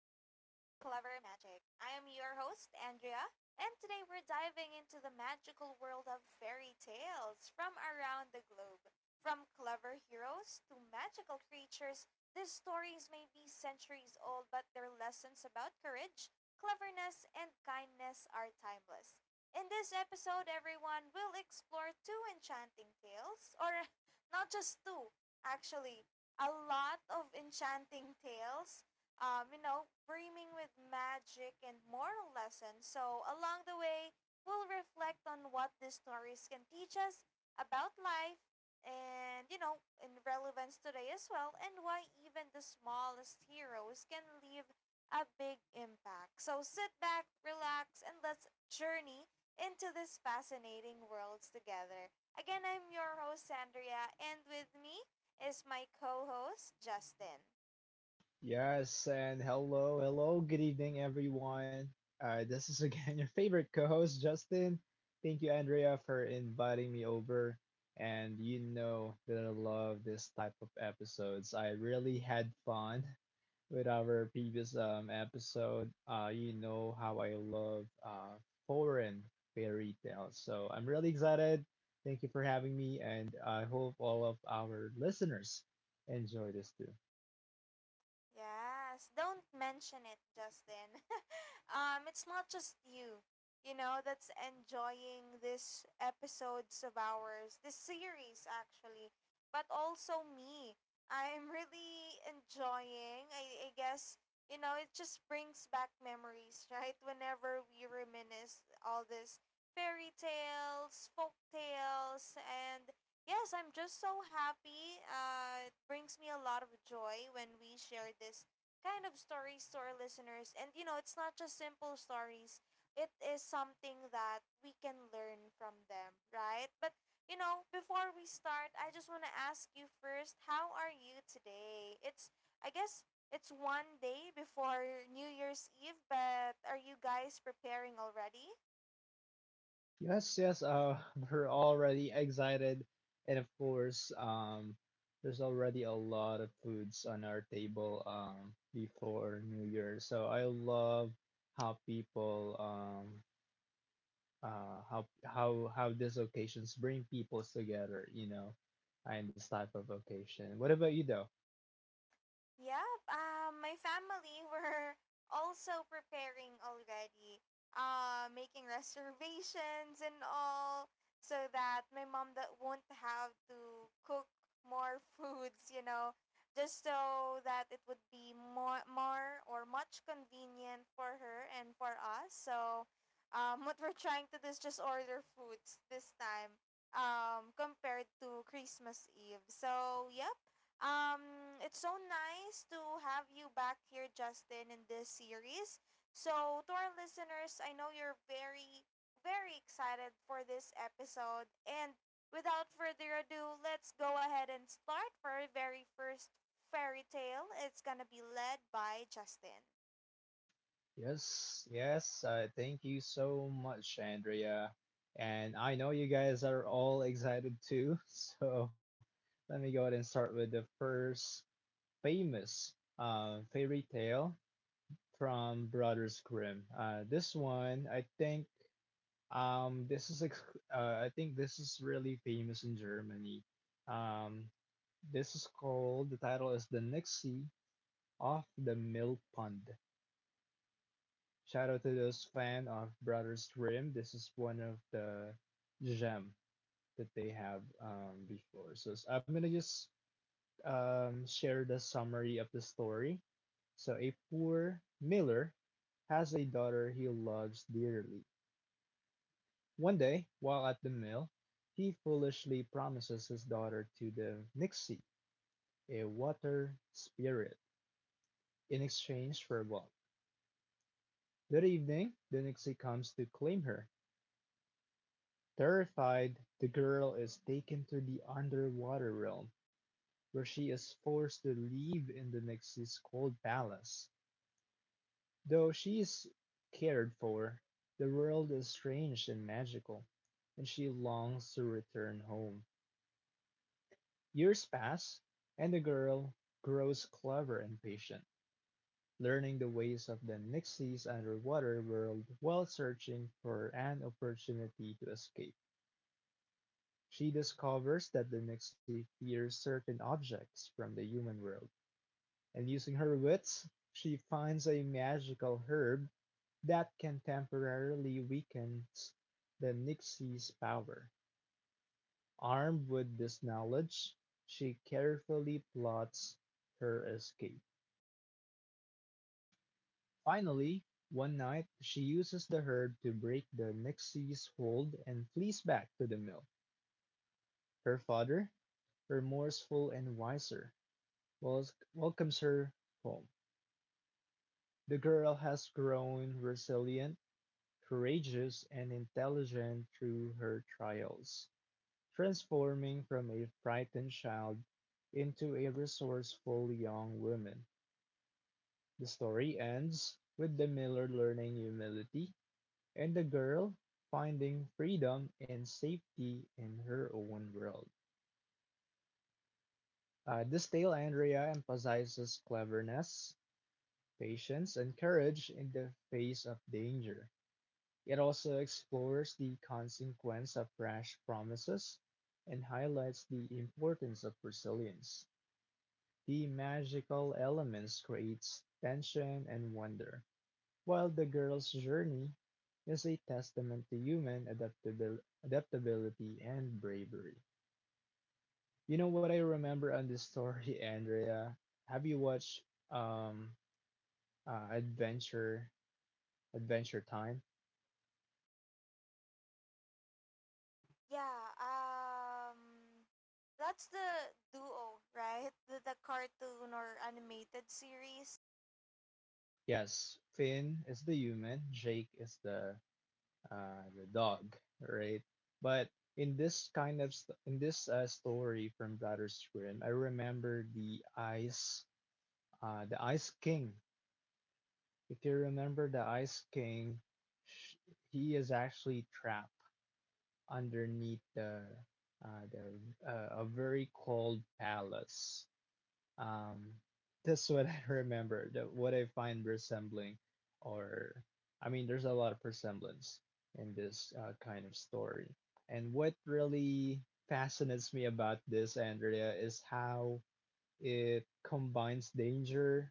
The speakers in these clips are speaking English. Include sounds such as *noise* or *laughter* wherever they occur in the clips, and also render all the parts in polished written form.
Andrea, and today we're diving into the magical world of fairy tales from around the globe. From clever heroes to magical creatures, these stories may be centuries old, but their lessons about courage, cleverness, and kindness are timeless. In this episode, everyone, we'll explore two enchanting tales, or *laughs* not just two, actually, a lot of enchanting tales, brimming with magic and moral lessons. So, along the way, we'll reflect on what these stories can teach us about life and, you know, in relevance today as well, and why even the smallest heroes can leave a big impact. So sit back, relax, and let's journey into this fascinating worlds together. Again, I'm your host, Sandria, and with me is my co host, Justin. Yes, and hello, hello, good evening, everyone. This is *laughs* again your favorite co host, Justin. Thank you, Andrea, for inviting me over. And you know that I love this type of episodes. I really had fun with our previous episode. You know how I love foreign fairy tales. So I'm really excited. Thank you for having me, and I hope all of our listeners enjoy this too. Yes, don't mention it, Justin. *laughs* It's not just you, you know, that's enjoying these episodes of ours, this series actually, but also me. I'm really enjoying. I guess you know it just brings back memories, *laughs* right? Whenever we reminisce all these fairy tales, folk tales, and yes, I'm just so happy. It brings me a lot of joy when we share this kind of stories to our listeners. And you know, it's not just simple stories. It is something that we can learn from them, right? But you know, before we start, I just want to ask you first, how are you today? It's I guess it's one day before New Year's Eve, but are you guys preparing already? Yes, yes, *laughs* we're already excited. And of course, there's already a lot of foods on our table before New Year. So I love how people, how these occasions bring peoples together, you know, and this type of occasion. What about you, though? Yep. My family *laughs* were also preparing already, making reservations and all, so that my mom that won't have to cook more foods. You know, just so that it would be more, more or much convenient for her and for us. So, *laughs* what we're trying to do is just order foods this time. Compared to Christmas Eve. So yeah, it's so nice to have you back here, Justin, in this series. So, to our listeners, I know you're very, very excited for this episode. And without further ado, let's go ahead and start for our very first fairy tale. It's gonna be led by Justin. Yes, yes. Thank you so much, Andrea. And I know you guys are all excited too. *laughs* So let me go ahead and start with the first famous fairy tale from Brothers Grimm. This one, I think, this is I think this is really famous in Germany. Um, this is called the title is The Nixie of the Mill Pond. Shout out to those fan of Brothers Grimm. This is one of the gem that they have before. So I'm gonna just share the summary of the story. So a poor miller has a daughter he loves dearly. One day, while at the mill, he foolishly promises his daughter to the Nixie, a water spirit, in exchange for a ball. That evening, the Nixie comes to claim her. Terrified, the girl is taken to the underwater realm, where she is forced to live in the Nixi's cold palace. Though she is cared for, the world is strange and magical, and she longs to return home. Years pass, and the girl grows clever and patient, learning the ways of the Nixi's underwater world while searching for an opportunity to escape. She discovers that the nixie fears certain objects from the human world, and using her wits, she finds a magical herb that can temporarily weaken the nixie's power. Armed with this knowledge, she carefully plots her escape. Finally, one night, she uses the herb to break the nixie's hold and flees back to the mill. Her father, remorseful and wiser, Wells welcomes her home, the girl has grown resilient, courageous, and intelligent through her trials, transforming from a frightened child into a resourceful young woman. The story ends with the miller learning humility and the girl finding freedom and safety in her own world. This tale, Andrea, emphasizes cleverness, patience, and courage in the face of danger. It also explores the consequence of rash promises and highlights the importance of resilience. The magical elements creates tension and wonder, while the girl's journey is a testament to human adaptability and bravery. You know what I remember on this story, *laughs* Andrea? Have you watched Adventure Time? Yeah, that's the duo, right? The cartoon or animated series. Yes, Finn is the human, Jake is the dog, right? But in this in this story from Bladder's Grim, I remember the Ice King. If you remember the Ice King, sh- he is actually trapped underneath the uh, the a very cold palace. Um, that's what *laughs* I remember. That what I find resembling, or I mean, there's a lot of resemblance in this kind of story. And what really fascinates me about this, Andrea, is how it combines danger,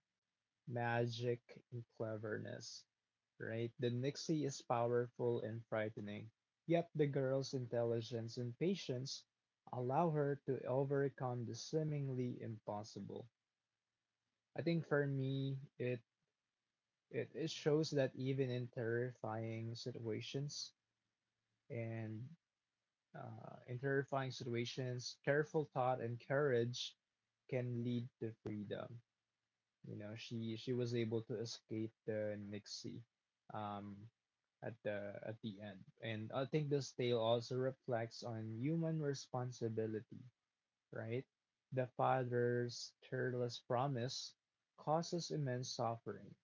magic, and cleverness. Right? The Nixie is powerful and frightening, yet the girl's intelligence and patience allow her to overcome the seemingly impossible. I think for me, it shows that even in terrifying situations and in terrifying situations, careful thought and courage can lead to freedom. You know, she was able to escape the Nixie um, at the end, and I think this tale also reflects on human responsibility, right? The father's careless promise causes immense suffering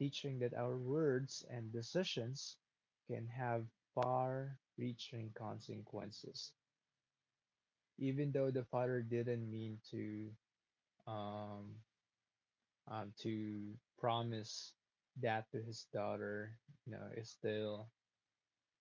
teaching that our words and decisions can have far reaching consequences, even though the father didn't mean um, to promise that to his daughter, you know, is still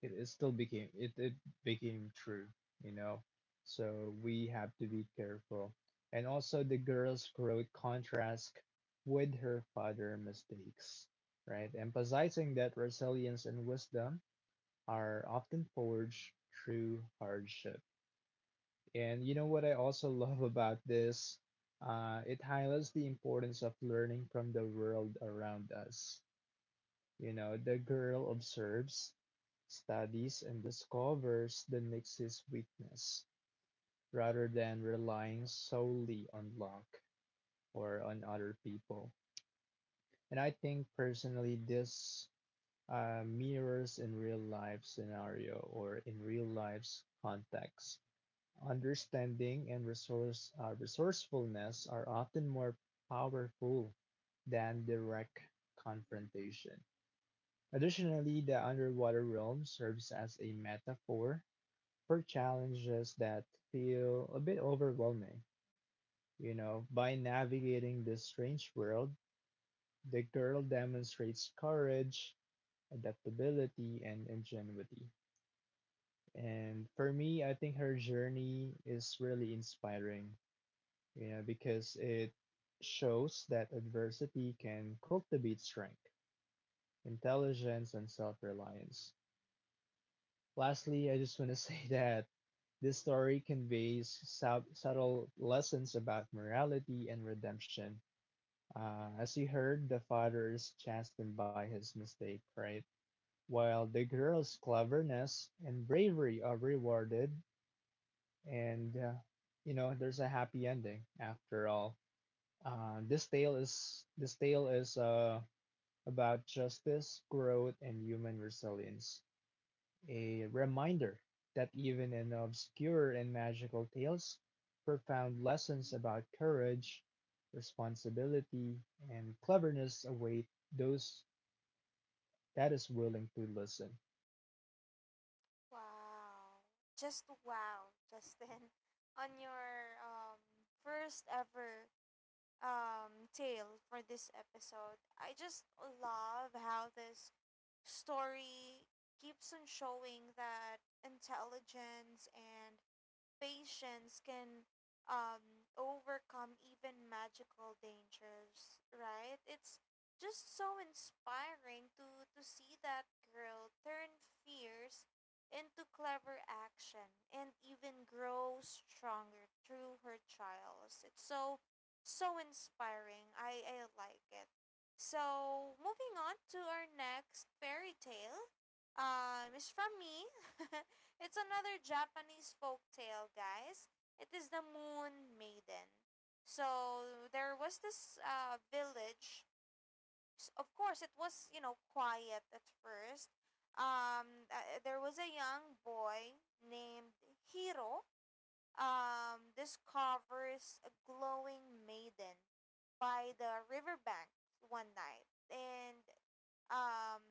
it still became it became true, you know. So we have to be careful. And also the girl's growth contrast with her father mistakes, right? Emphasizing that resilience and wisdom are often forged through hardship. And you know what I also love about this? It highlights the importance of learning from the world around us. You know, the girl observes, studies, and discovers the Nix's weakness, rather than relying solely on luck or on other people. And I think personally, this mirrors in real life scenario or in real life's context. Understanding and resourcefulness are often more powerful than direct confrontation. Additionally, the underwater realm serves as a metaphor for challenges that feel a bit overwhelming. You know, by navigating this strange world, the girl demonstrates courage, adaptability, and ingenuity. And for me, I think her journey is really inspiring, you know, because it shows that adversity can cultivate strength, intelligence, and self-reliance. Lastly, I just want to *laughs* say that this story conveys subtle lessons about morality and redemption. As you heard, the father is chastened by his mistake, right? While the girl's cleverness and bravery are rewarded, and you know there's a happy ending after all. This tale is about justice, growth, and human resilience. A reminder that even in obscure and magical tales, profound lessons about courage, responsibility, and cleverness await those that is willing to listen. Wow. Just wow, Justin, *laughs* on your first ever tale for this episode. I just love how this story keeps on showing that intelligence and patience can overcome even magical dangers, right? It's just so inspiring to see that girl turn fears into clever action and even grow stronger through her trials. It's so, so inspiring. I like it. So, moving on to our next fairy tale is from me. *laughs* It's another Japanese folk tale, guys. It is the Moon Maiden. So there was this village. Of course, it was, you know, quiet at first. There was a young boy named Hiro. Discovers a glowing maiden by the riverbank one night. And um,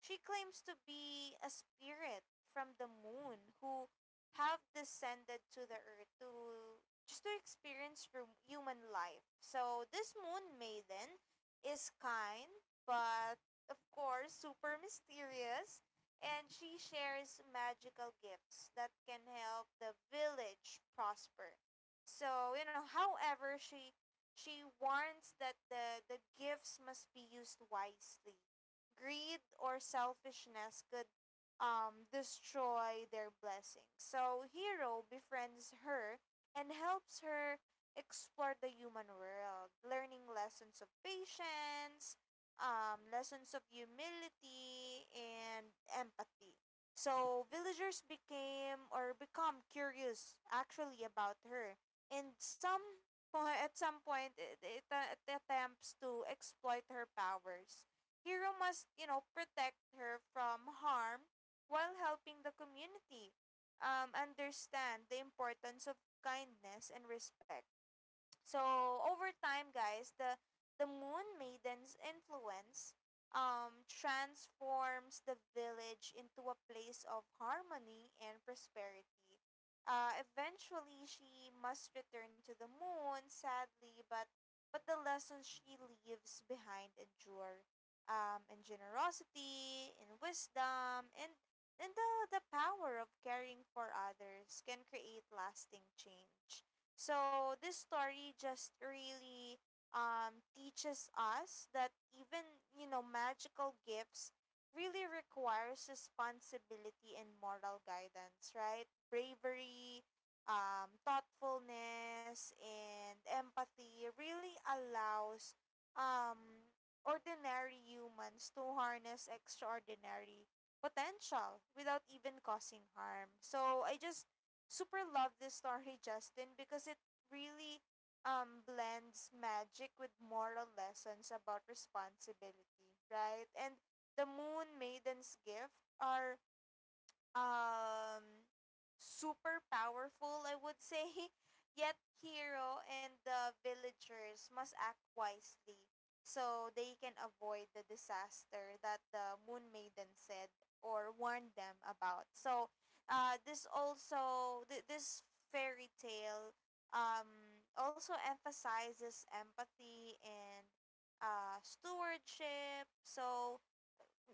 she claims to be a spirit from the moon who have descended to the earth to just to experience human life. So this moon maiden is kind, but of course super mysterious, and she shares magical gifts that can help the village prosper. So you know, however, she warns that the gifts must be used wisely greed or selfishness could destroy their blessings. So Hero befriends her and helps her explore the human world, learning lessons of patience, lessons of humility, and empathy. So villagers became or become curious actually about her, and some at some point it attempts to exploit her powers Hero must, you know, protect her from harm while helping the community understand the importance of kindness and respect. So over time, guys, the Moon Maiden's influence transforms the village into a place of harmony and prosperity. Eventually, she must return to the moon, sadly, but the lessons she leaves behind endure. In generosity, in wisdom, and the power of caring for others can create lasting change. So this story just really teaches us that even you know magical gifts really requires responsibility and moral guidance, right? Bravery, thoughtfulness, and empathy really allows um, ordinary humans to harness extraordinary potential without even causing harm. So I just super love this story, Justin, because it really blends magic with moral lessons about responsibility, right? And the Moon Maiden's gift are um super powerful, I would say. *laughs* Yet Hero and the villagers must act wisely so they can avoid the disaster that the Moon Maiden said or warned them about. So, this also this fairy tale also emphasizes empathy and stewardship. So,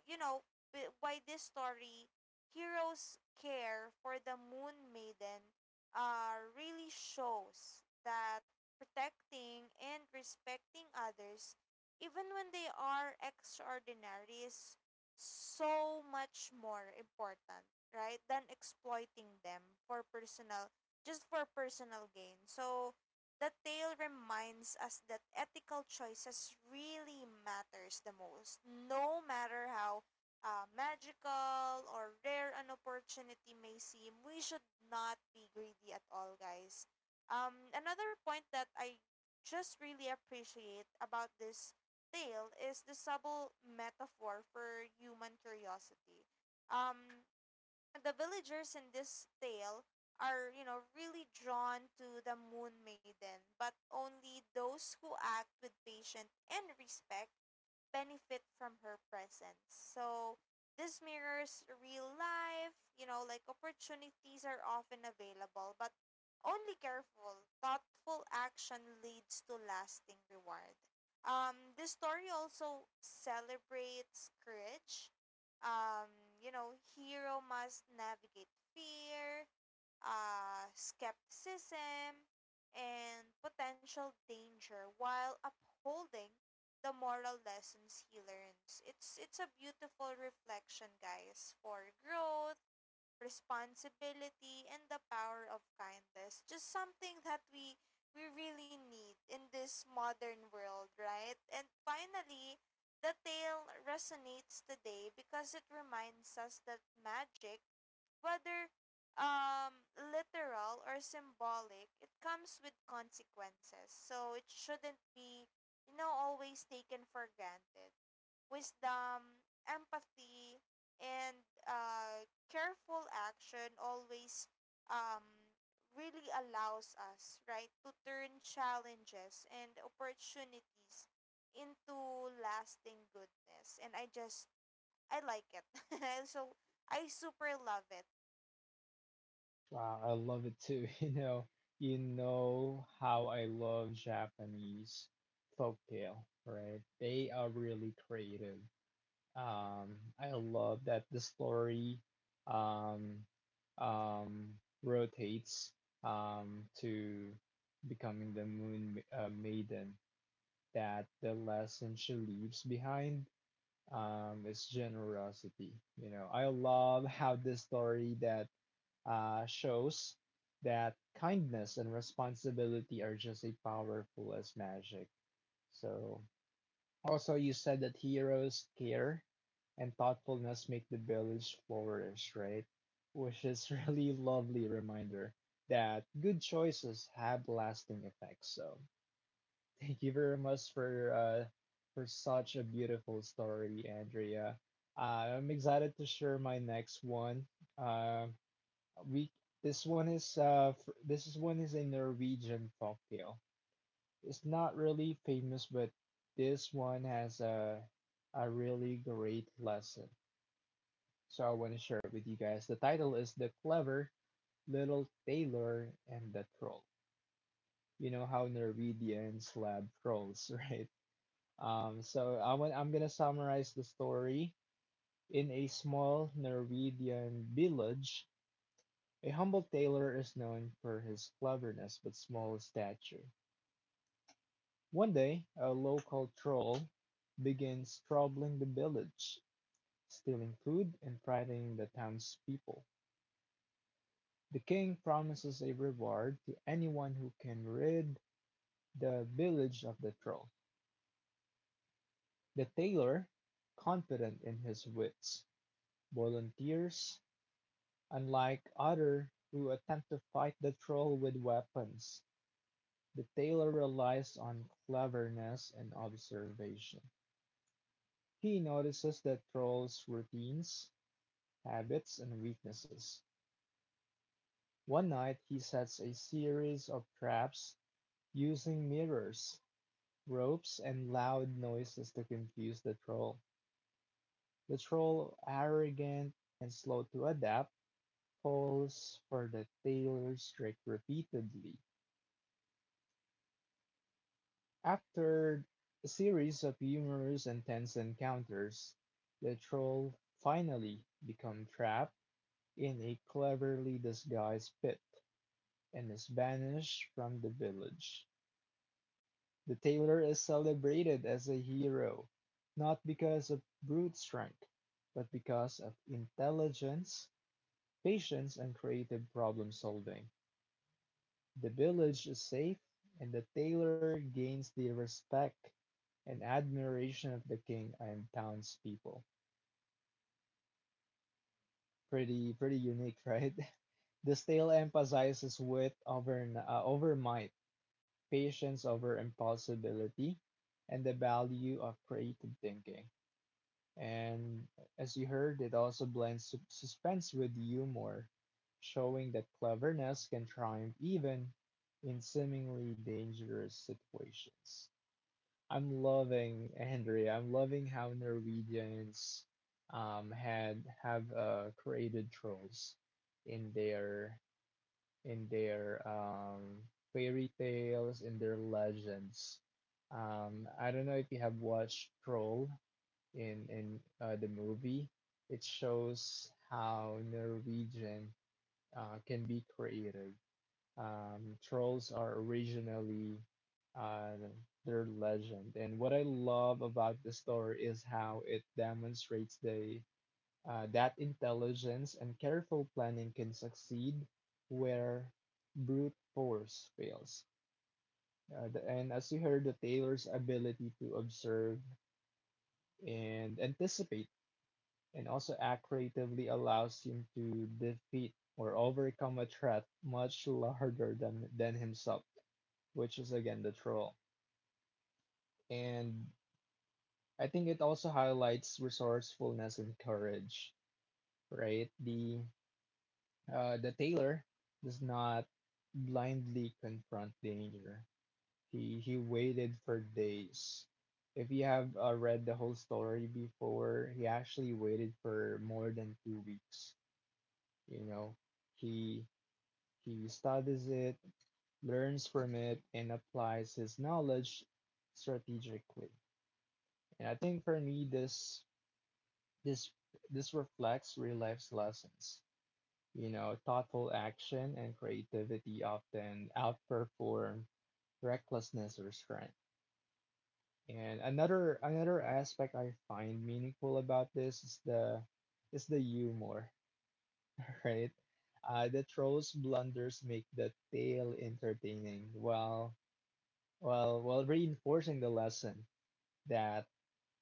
you know, by this story, Hero's care for the Moon Maiden really shows that protecting and respecting others, even when they are extraordinary, is so much more important, right, than exploiting them for personal, just for personal gain. So, the tale reminds us that ethical choices really matters the most, no matter how magical or rare an opportunity may seem. We should not be greedy at all, guys. Another point that I just really appreciate about this tale is the subtle metaphor for human curiosity. Um, the villagers in this tale are, you know, really drawn to the Moon Maiden, but only those who act with patience and respect benefit from her presence. So this mirrors real life, you know, like opportunities are often available, but only careful, thoughtful action leads to lasting reward. This story also celebrates courage. Um, you know, hero must navigate fear, skepticism, and potential danger while upholding the moral lessons he learns. It's a beautiful reflection, guys, for growth, responsibility, and the power of kindness. Just something that we really need in this modern world, right? And finally, the tale resonates today because it reminds us that magic whether literal or symbolic, it comes with consequences. So it shouldn't be, you know, always taken for granted. Wisdom, empathy, and careful action always um, really allows us, right, to turn challenges and opportunities into lasting goodness. And I just, I like it. *laughs* So I super love it. Wow, I love it too. *laughs* You know how I love Japanese folktale, right? They are really creative. I love that the story um, rotates to becoming the Maiden, that the lesson she leaves behind is generosity. You know, I love *laughs* how this story that shows that kindness and responsibility are just as powerful as magic. So also, you said that heroes care and thoughtfulness make the village flourish, right? Which is *laughs* really lovely reminder that good choices have lasting effects. So thank you very much for such a beautiful story, Andrea. I'm excited to share my next one. Uh, we this one is this is one is a Norwegian folktale. It's not really famous, but this one has a really great lesson. So I want to share it with you guys. The title is The Clever Little Tailor and the Troll. You know how Norwegians love trolls, *laughs* right? So I want, I'm gonna summarize the story. In a small Norwegian village, a humble tailor is known for his cleverness but small stature. One day, a local troll begins troubling the village, stealing food and frightening the townspeople. The king promises a reward to anyone who can rid the village of the troll. The tailor, confident in his wits, volunteers. Unlike others who attempt to fight the troll with weapons, the tailor relies on cleverness and observation. He notices the troll's routines habits and weaknesses. One night, he sets a series of traps using mirrors, ropes, and loud noises to confuse the troll. The troll, arrogant and slow to adapt, falls for the tailor's trick repeatedly. After a series of humorous and tense encounters, the troll finally becomes trapped in a cleverly disguised pit and is banished from the village. The tailor is celebrated as a hero, not because of brute strength, but because of intelligence, patience, and creative problem solving. The village is safe, and the tailor gains the respect and admiration of the king and townspeople. Pretty unique, right? *laughs* This tale emphasizes wit over over might, patience over impulsibility, and the value of creative thinking. And as you heard, it also blends suspense with humor, showing that cleverness can triumph even in seemingly dangerous situations. I'm loving Andrea. I'm loving how Norwegians had have created trolls in their in their fairy tales, in their legends. I don't know if you have watched Troll in the movie, it shows how Norwegian can be created. Trolls are originally uh, their legend, and what I love about the story is how it demonstrates the that intelligence and careful planning can succeed where brute force fails. And as you heard, the tailor's ability to observe and anticipate and also accretively allows him to defeat or overcome a threat much larger than himself, which is again the troll. And I think it also highlights resourcefulness and courage, right? The tailor does not blindly confront danger. He waited for days. If you have read the whole story before, he actually waited for more than 2 weeks. You know, he He studies it, learns from it, and applies his knowledge strategically. And I think for me, this this reflects real life's lessons. You know, thoughtful action and creativity often outperform recklessness or strength. And another aspect I find meaningful about this is the humor, *laughs* right? The trolls blunders make the tale entertaining, while reinforcing the lesson that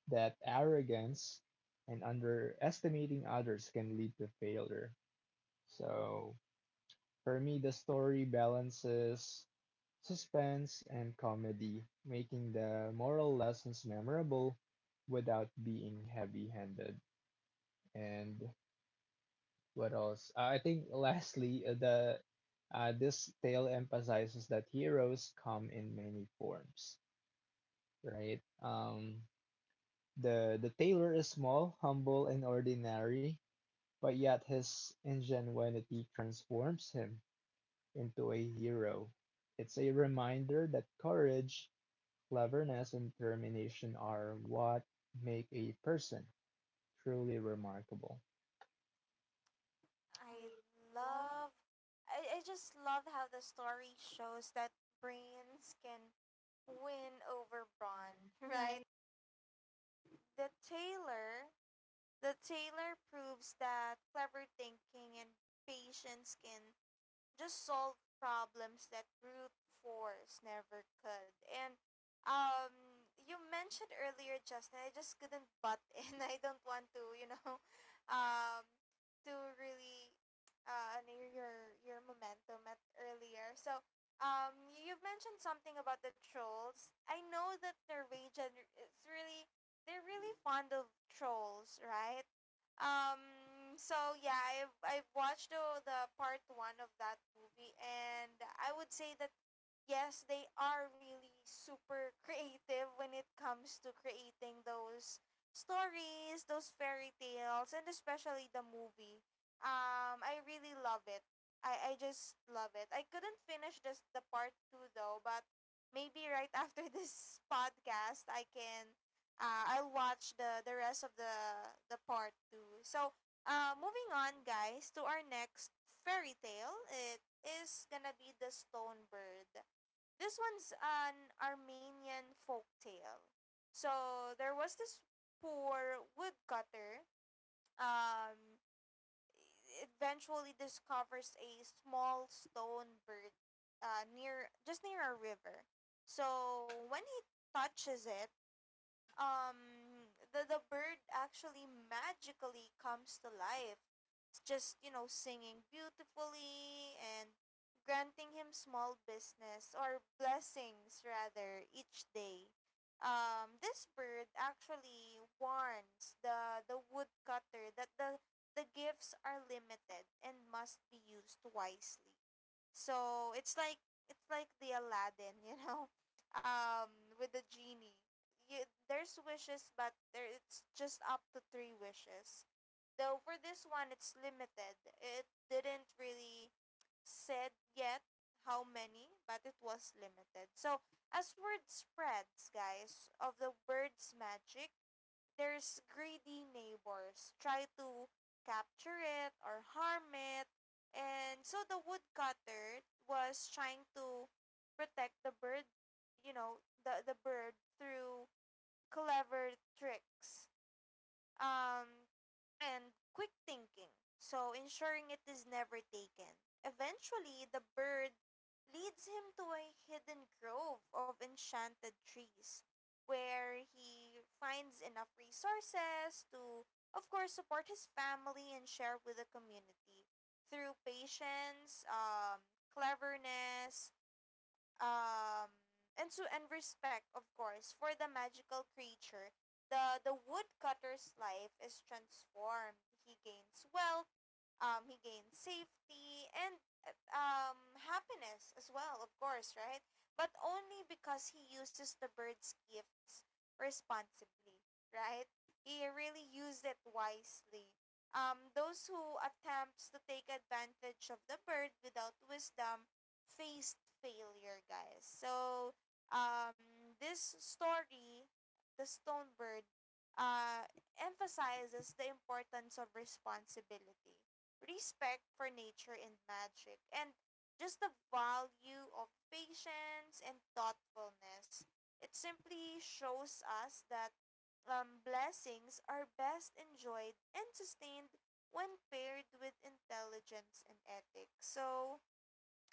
that arrogance and underestimating others can lead to failure. So for me, the story balances suspense and comedy, making the moral lessons memorable without being heavy-handed. And what else? I think lastly, the this tale emphasizes that heroes come in many forms, right? The tailor is small, humble, and ordinary, but yet his ingenuity transforms him into a hero. It's a reminder that courage, cleverness, and determination are what make a person truly remarkable. I love I just love how the story shows that brains can win over brawn, *laughs* right? The tailor the tailor proves that clever thinking and patience can just solve problems that brute force never could. And you mentioned earlier, Justin, I just couldn't butt in. *laughs* I don't want to, you know, *laughs* um, to really near your momentum at earlier. So you've mentioned something about the trolls. I know that Norwegian is really they're really fond of trolls, right? Um. So yeah, I've watched the part 1 of that movie, and I would say that yes, they are really super creative when it comes to creating those stories, those fairy tales, and especially the movie. I really love it. I just love it. I couldn't finish this the part 2 though, but maybe right after *laughs* this podcast I can I'll watch the rest of the part 2. So moving on guys to our next fairy tale. It is gonna be the stone bird this one's an Armenian folk tale. So there was this poor woodcutter. Um, eventually discovers a small stone bird near just near a river. So when he touches it, the bird actually magically comes to life just you know singing beautifully and granting him small business or blessings rather each day this bird actually warns the woodcutter that the gifts are limited and must be used wisely so it's like the Aladdin you know *laughs* with the genie you, there's wishes but there it's just up to 3 wishes Though for this one, it's limited. It didn't really said yet how many, but it was limited. So as word spreads, guys, of the bird's magic, there's greedy neighbors try to capture it or harm it. And so the woodcutter was trying to protect the bird, you know, the bird through clever tricks um, and quick thinking, so ensuring it is never taken. Eventually, the bird leads him to a hidden grove of enchanted trees where he finds enough resources to, of course, support his family and share with the community through patience, cleverness, um and so and respect of course for the magical creature the woodcutter's life is transformed he gains wealth he gains safety and uh, happiness as well of course right but only because he uses the bird's gifts responsibly right he really used it wisely those who attempts to take advantage of the bird without wisdom faced failure, guys. So, this story, The Stone Bird, uh, emphasizes the importance of responsibility, respect for nature and magic, and just the value of patience and thoughtfulness. It simply shows us that blessings are best enjoyed and sustained when paired with intelligence and ethics. So,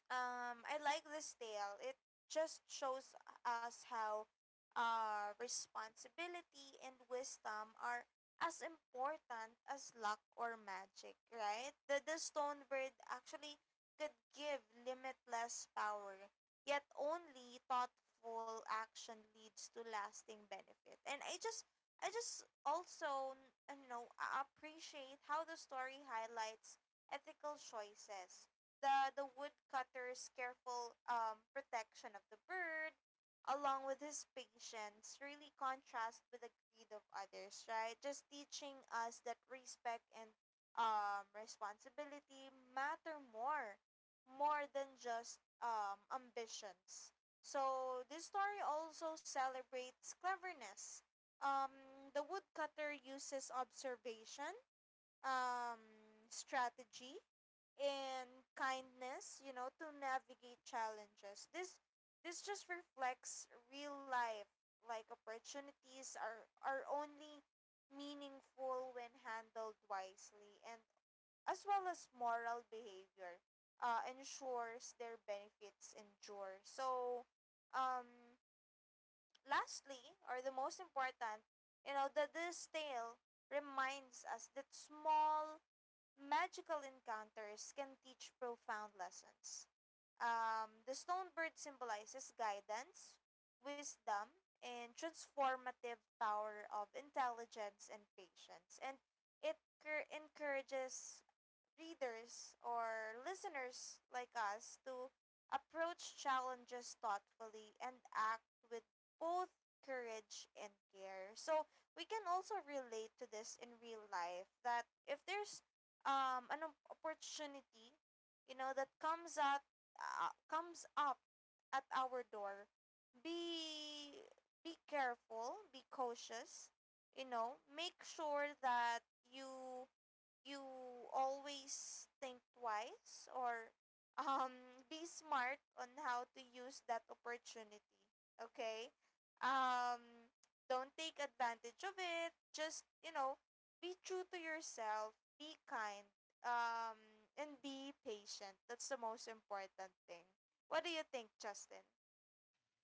um, I like this tale. It just shows us how responsibility and wisdom are as important as luck or magic, right? The stone bird actually could give limitless power, yet only thoughtful action leads to lasting benefit. And I just also, appreciate how the story highlights ethical choices, the woodcutter's careful protection of the bird, along with his patience, really contrast with the greed of others. Right, just teaching us that respect and responsibility matter more than just ambitions. So this story also celebrates cleverness. Um, the woodcutter uses observation, um, strategy, and kindness, you know, to navigate challenges. This just reflects real life, like opportunities are only meaningful when handled wisely, and as well as moral behavior ensures their benefits endure. So, um, lastly, or the most important, you know, that this tale reminds us that small magical encounters can teach profound lessons. The stone bird symbolizes guidance, wisdom, and transformative power of intelligence and patience. And it encourages readers or listeners like us to approach challenges thoughtfully and act with both courage and care. So, we can also relate to this in real life that if there's an opportunity, you know, that comes at comes up at our door, be be careful, be cautious, you know, make sure that you you always think twice or *laughs* be smart on how to use that opportunity. Okay? Um, don't take advantage of it. Just, you know, be true to yourself, be kind, um, and be patient. That's the most important thing. What do you think, Justin?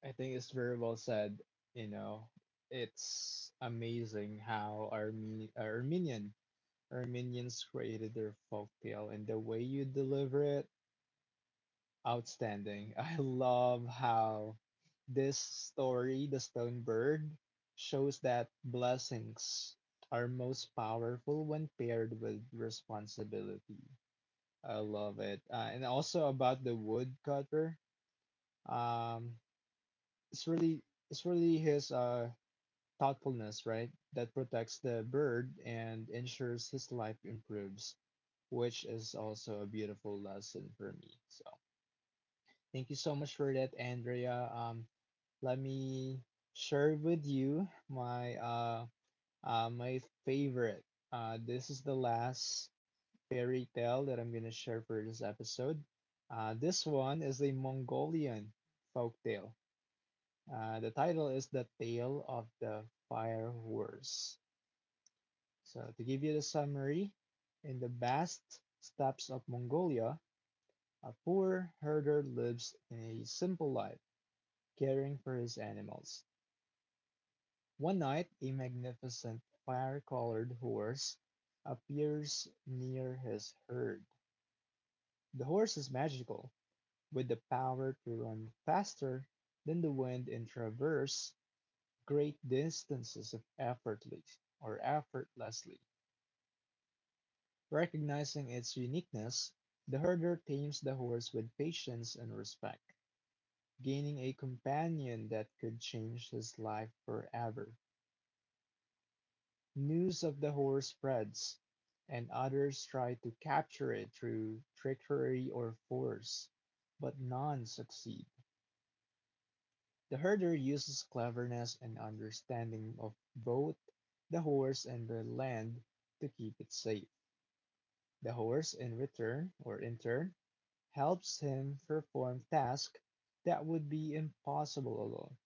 I think it's very well said. You know, it's amazing how Armenians created their folktale and the way you deliver it. Outstanding. *laughs* I love how this story, the stone bird, shows that blessings are most powerful when paired with responsibility. I love it. And also about the woodcutter. Um, it's really it's really his thoughtfulness, right, that protects the bird and ensures his life improves, which is also a beautiful lesson for me. So thank you so much for that, Andrea. Let me share with you my my favorite. This is the last fairy tale that I'm gonna share for this episode. This one is a Mongolian folktale. The title is The Tale of the Fire Horse. So, to give you the summary, in the vast steppes of Mongolia, a poor herder lives in a simple life, caring for his animals. One night, a magnificent fire-colored horse appears near his herd. The horse is magical, with the power to run faster than the wind and traverse great distances effortlessly. Recognizing its uniqueness, the herder tames the horse with patience and respect, gaining a companion that could change his life forever. News of the horse spreads, and others try to capture it through trickery or force, but none succeed. The herder uses cleverness and understanding of both the horse and the land to keep it safe. The horse in return, or in turn, helps him perform tasks that would be impossible alone,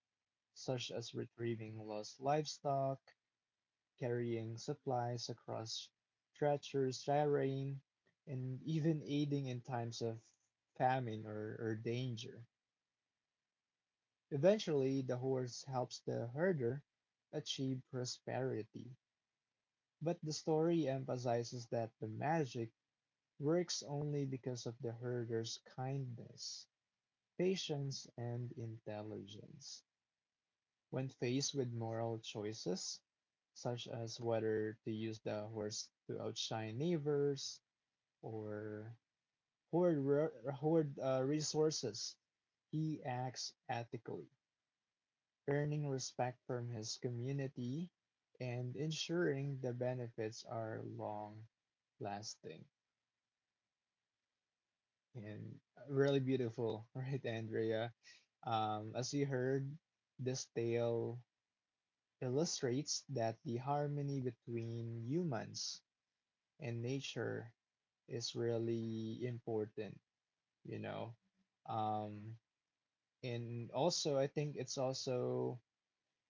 such as retrieving lost livestock, carrying supplies across treacherous terrain, and even aiding in times of famine or danger. Eventually, the horse helps the herder achieve prosperity, but the story emphasizes that the magic works only because of the herder's kindness, patience, and intelligence. When faced with moral choices, such as whether to use the horse to outshine neighbors or hoard re- hoard resources, he acts ethically, earning respect from his community and ensuring the benefits are long lasting and really beautiful, *laughs* right, Andrea? As you heard, this tale illustrates that the harmony between humans and nature is really important, you know. Um, And also, I think it's also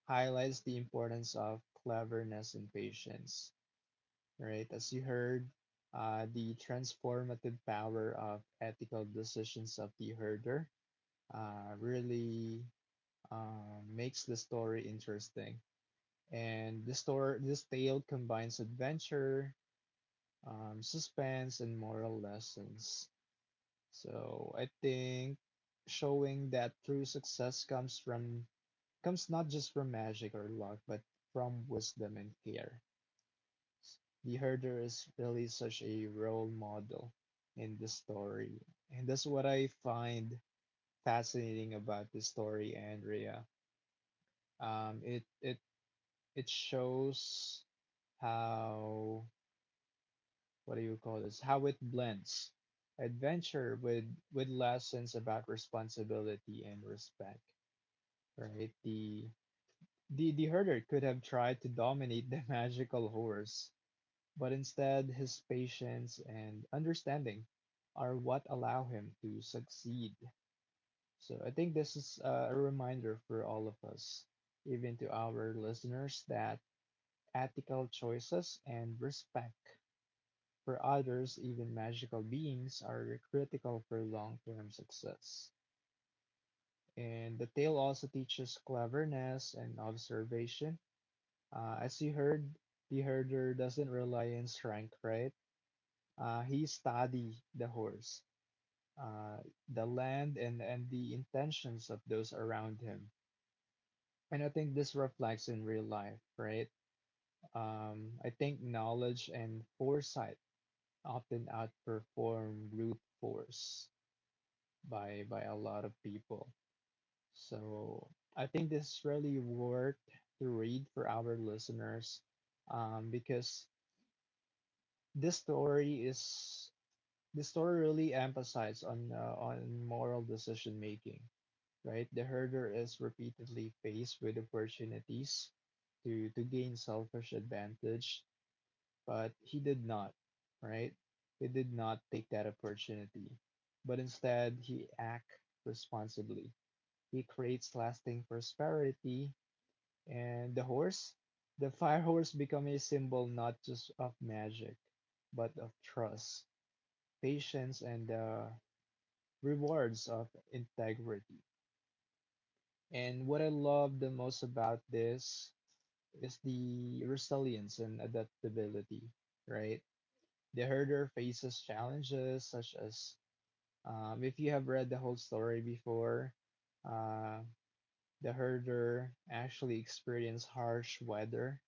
highlights the importance of cleverness and patience, right? As you heard, the transformative power of ethical decisions of the herder really makes the story interesting. And this story, this tale combines adventure, suspense, and moral lessons. So I think showing that true success comes not just from magic or luck, but from wisdom and care. The herder is really such a role model in the story. And that's what I find fascinating about the story, Andrea. Um, it it it shows how, what do you call this? How it blends adventure with lessons about responsibility and respect, right? The herder could have tried to dominate the *laughs* magical horse, but instead his patience and understanding are what allow him to succeed. So I think this is a reminder for all of us, even to our listeners, that ethical choices and respect for others, even magical beings, are critical for long term success. And the tale also teaches cleverness and observation. As you heard, the herder doesn't rely on strength, right? He study the horse, uh, the land, and, the intentions of those around him. And I think this reflects in real life, right? I think knowledge and foresight often outperform brute force by a lot of people. So I think this really worth to read for our listeners because This story is this story really emphasizes on moral decision making, right? The herder is repeatedly faced with opportunities to gain selfish advantage, but he did not, right? He did not take that opportunity, but instead he act responsibly. He creates lasting prosperity, and the horse, the fire horse, become a symbol not just of magic, but of trust, patience, and the rewards of integrity. And what I love the most about this is the resilience and adaptability, right? The herder faces challenges such as, if you have read the whole story before, uh, the herder actually experienced harsh weather,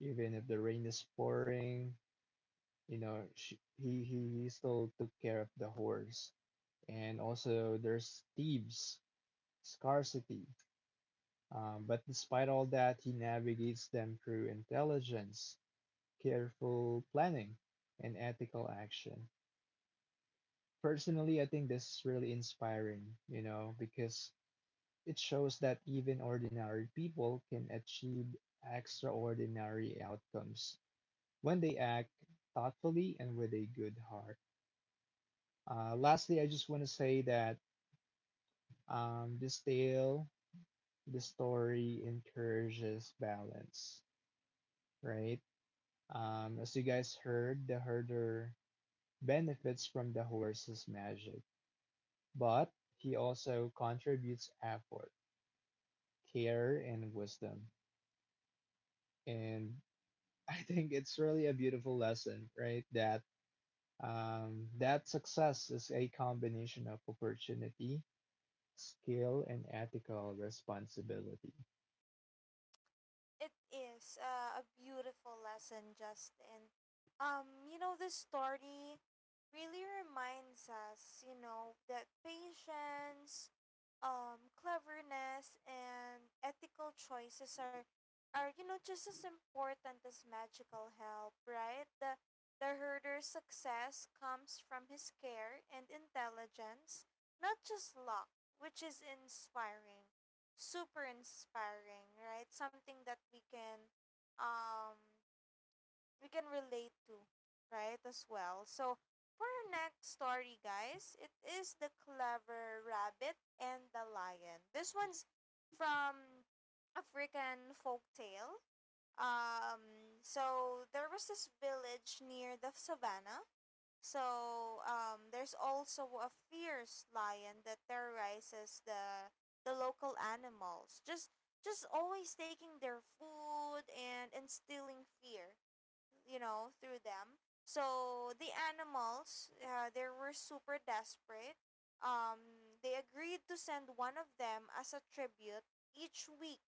even if the rain is pouring. You know, sh he still took care of the horse, and also there's thieves, scarcity. But despite all that, he navigates them through intelligence, careful planning, and ethical action. Personally, I think this is really inspiring, you know, because it shows that even ordinary people can achieve extraordinary outcomes when they act thoughtfully and with a good heart. Lastly, I just want to say that this tale, the story encourages balance, right? As you guys heard, the herder benefits from the horse's magic, but he also contributes effort, care, and wisdom. And *laughs* I think it's really a beautiful lesson, right? That that success is a combination of opportunity, skill, and ethical responsibility. It is a beautiful lesson, Justin. You know, this story really reminds us, you know, that patience, cleverness, and ethical choices are, you know, just as important as magical help, right? The herder's success comes from his care and intelligence, not just luck, which is inspiring. Super inspiring, right? Something that um we can relate to, right? As well. So for our next story, guys, it is the clever rabbit and the lion. This one's from African folktale. So there was this village near the savannah. So there's also a fierce lion that terrorizes the local animals. Just always taking their food and instilling fear, you know, through them. So the animals, they were super desperate. They agreed to send one of them as a tribute each week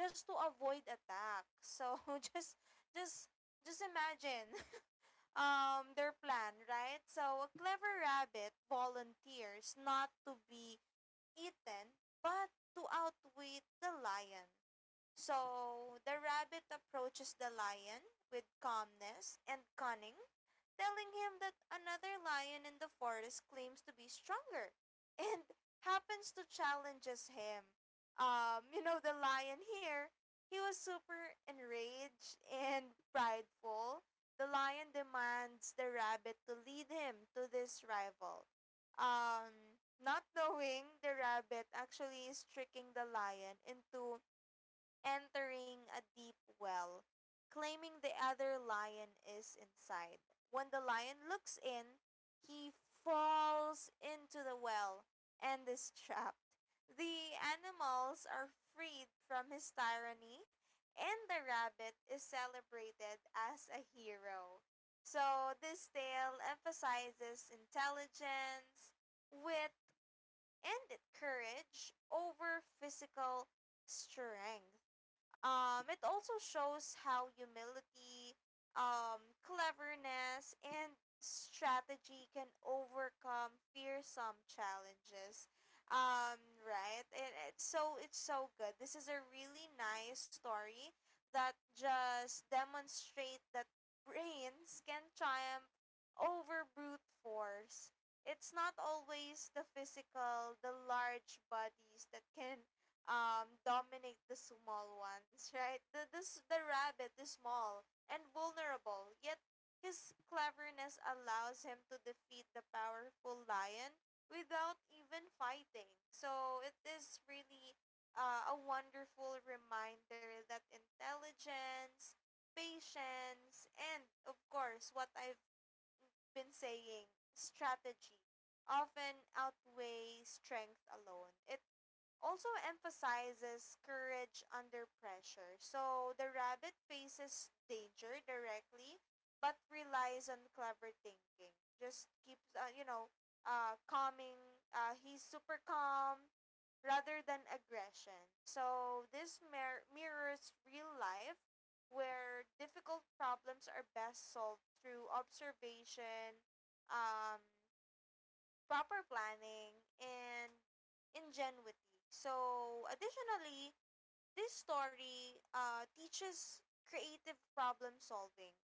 just to avoid attack. So *laughs* just just just imagine their plan, right? So a clever rabbit volunteers not to be eaten, but to outwit the lion. So the rabbit approaches the lion with calmness and cunning, telling him that another lion in the forest claims to be stronger *laughs* and happens to challenges him. You know, the lion here, he was super enraged and prideful. The lion demands the rabbit to lead him to this rival. Not knowing, the rabbit actually is tricking the lion into entering a deep well, claiming the other lion is inside. When the lion looks in, he falls into the well and is trapped. The animals are freed from his tyranny, and the rabbit is celebrated as a hero. So, this tale emphasizes intelligence, wit, and courage over physical strength. It also shows how humility, cleverness, and strategy can overcome fearsome challenges. Um, right? And it's so, it's so good. This is a really nice story that just demonstrate that brains can triumph over brute force. It's not always the physical, the large bodies that can dominate the small ones, right? The rabbit is small and vulnerable, yet his cleverness allows him to defeat the powerful lion without even fighting. So it is really a wonderful reminder that intelligence, patience, and of course, what I been saying, strategy often outweighs strength alone. It also emphasizes courage under pressure. So the rabbit faces danger directly, but relies on clever thinking. Just keeps, you know, calming. He's super calm rather than aggression. So this mirrors real life where difficult problems are best solved through observation, um, proper planning, and ingenuity. So, additionally, this story teaches creative problem solving.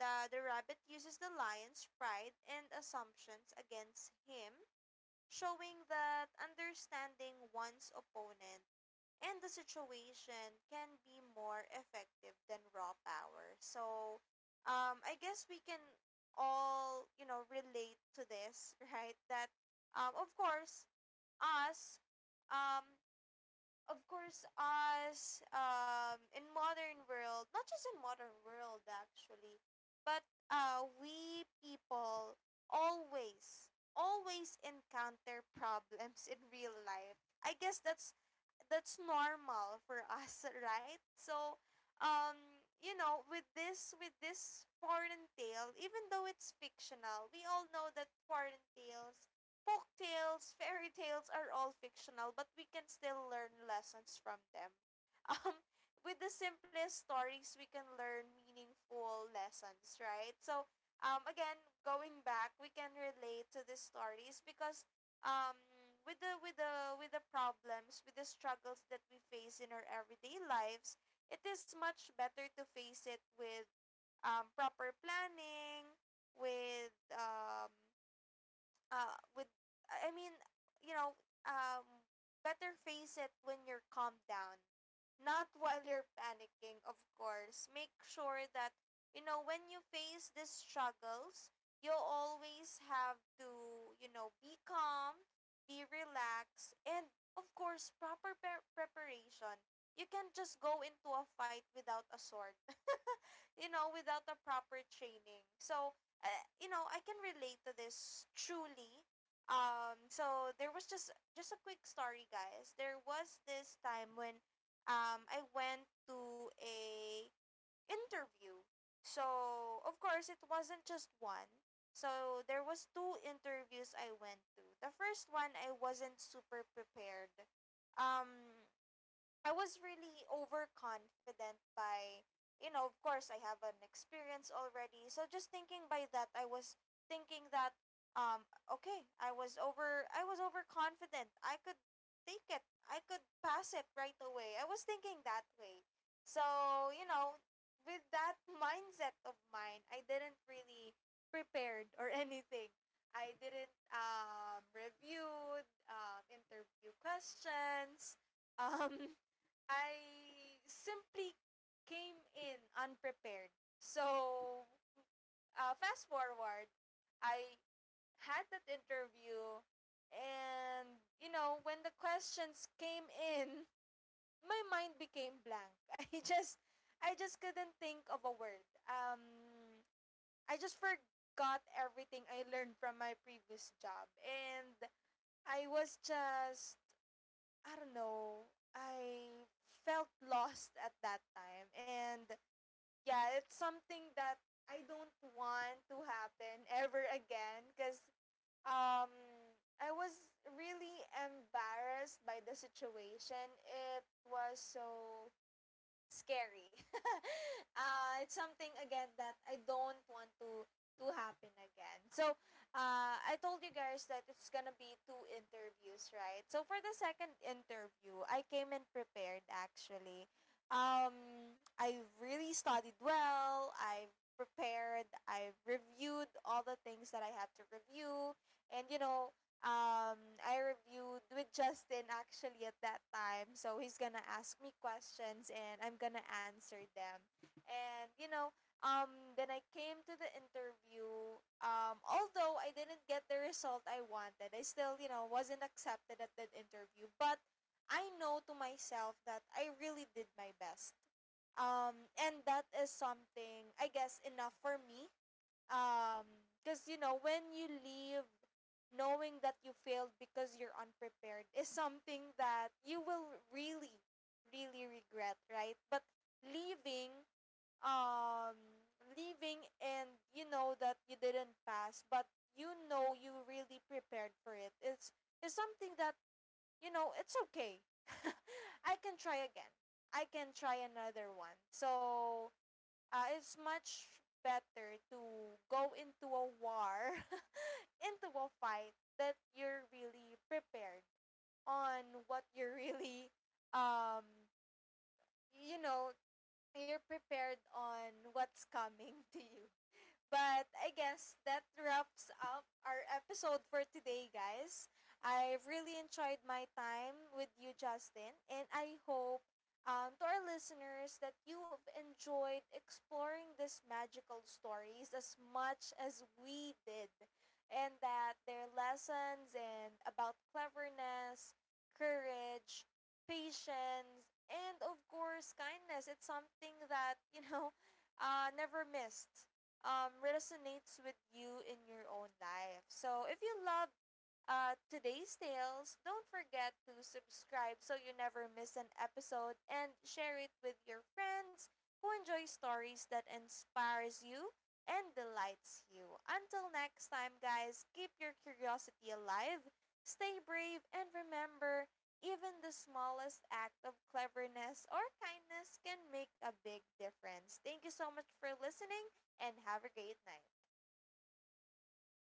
The rabbit uses the lion's pride and assumptions against him, showing that understanding one's opponent and the situation can be more effective than raw power. So, I guess we can all, you know, relate to this, *laughs* right? That, um, of course, us, um, of course us in modern world, not just in modern world actually, but we people always encounter problems in real life. I guess that's normal for us *laughs* right? So, you know, with this foreign tale, even though it's fictional, we all know that foreign tales, folk tales, fairy tales are all fictional, but we can still learn lessons from them. *laughs* Um, with the simplest stories, we can learn meaningful lessons, right? So, again, going back, we can relate to these stories because, um, with the, with the problems, with the struggles that we face in our everyday lives, it is much better to face it with proper planning, with uh with I mean, you know, um better face it when you're calmed down. Not while you're panicking, of course. Make sure that, you know, when you face these struggles, you always have to, you know, be calm, be relaxed, and of course, proper preparation. You can't just go into a fight without a sword, you know, without a proper training. So, uh, you know, I can relate to this truly. So there was just a quick story, guys. There was this time when, I went to a interview. So of course it wasn't just one. So there was two interviews I went to. The first one I wasn't super prepared. Um, I was really overconfident by, you know, of course, I have an experience already. So just thinking by that, I was thinking that, um, okay, I was overconfident. I could take it. I could pass it right away. I was thinking that way. So, you know, with that *laughs* mindset of mine, I didn't really prepared or *laughs* anything. I didn't review interview questions. Um, *laughs* I simply came in unprepared. So, fast forward, I had that interview, and you know, when the questions came in, my mind became blank. *laughs* I just couldn't think of a word. I just forgot everything I learned from my previous job, and I was just I don't know. I felt lost at that time. And yeah, it's something that I don't want to happen ever again because, um, I was really embarrassed by the situation. It was so scary. *laughs* It's something again that I don't want to happen again. So, I told you guys that it's gonna be two interviews, right? So for the second interview, I came in prepared actually. I really studied well. I have prepared. I have reviewed all the things that I have to review, and you know, I reviewed with Justin actually at that time. So he's gonna ask me questions and I'm gonna answer them. And you know, then I came to the interview. Although I didn't get the result I wanted, I still, you know, wasn't accepted at that interview. But I know to myself that I really did my best. And that is something, I guess, enough for me um because, you know, when you leave knowing that you failed because you're unprepared is something that you will really, really regret, right? But leaving, um leaving and you know that you didn't pass, but you know you really prepared for it, it's, is something that, you know, it's okay. *laughs* I can try again, I can try another one. So, it's much better to go into a war, *laughs* into a fight that you're really prepared on what you're really, um, you know, you're prepared on what's coming *laughs* to you. But I guess that wraps up our episode for today, guys. I really enjoyed my time with you, Justin, and I hope, to our listeners, that you have enjoyed exploring these magical stories as much as we did, and that their lessons and about cleverness, courage, patience, and of course kindness. It's something that, you know, never missed, resonates with you in your own life. So if you love today's tales, don't forget to subscribe so you never miss an episode and share it with your friends who enjoy stories that inspires you and delights you. Until next time, guys, keep your curiosity alive, stay brave, and remember, even the smallest act of cleverness or kindness can make a big difference. Thank you so much for listening and have a great night.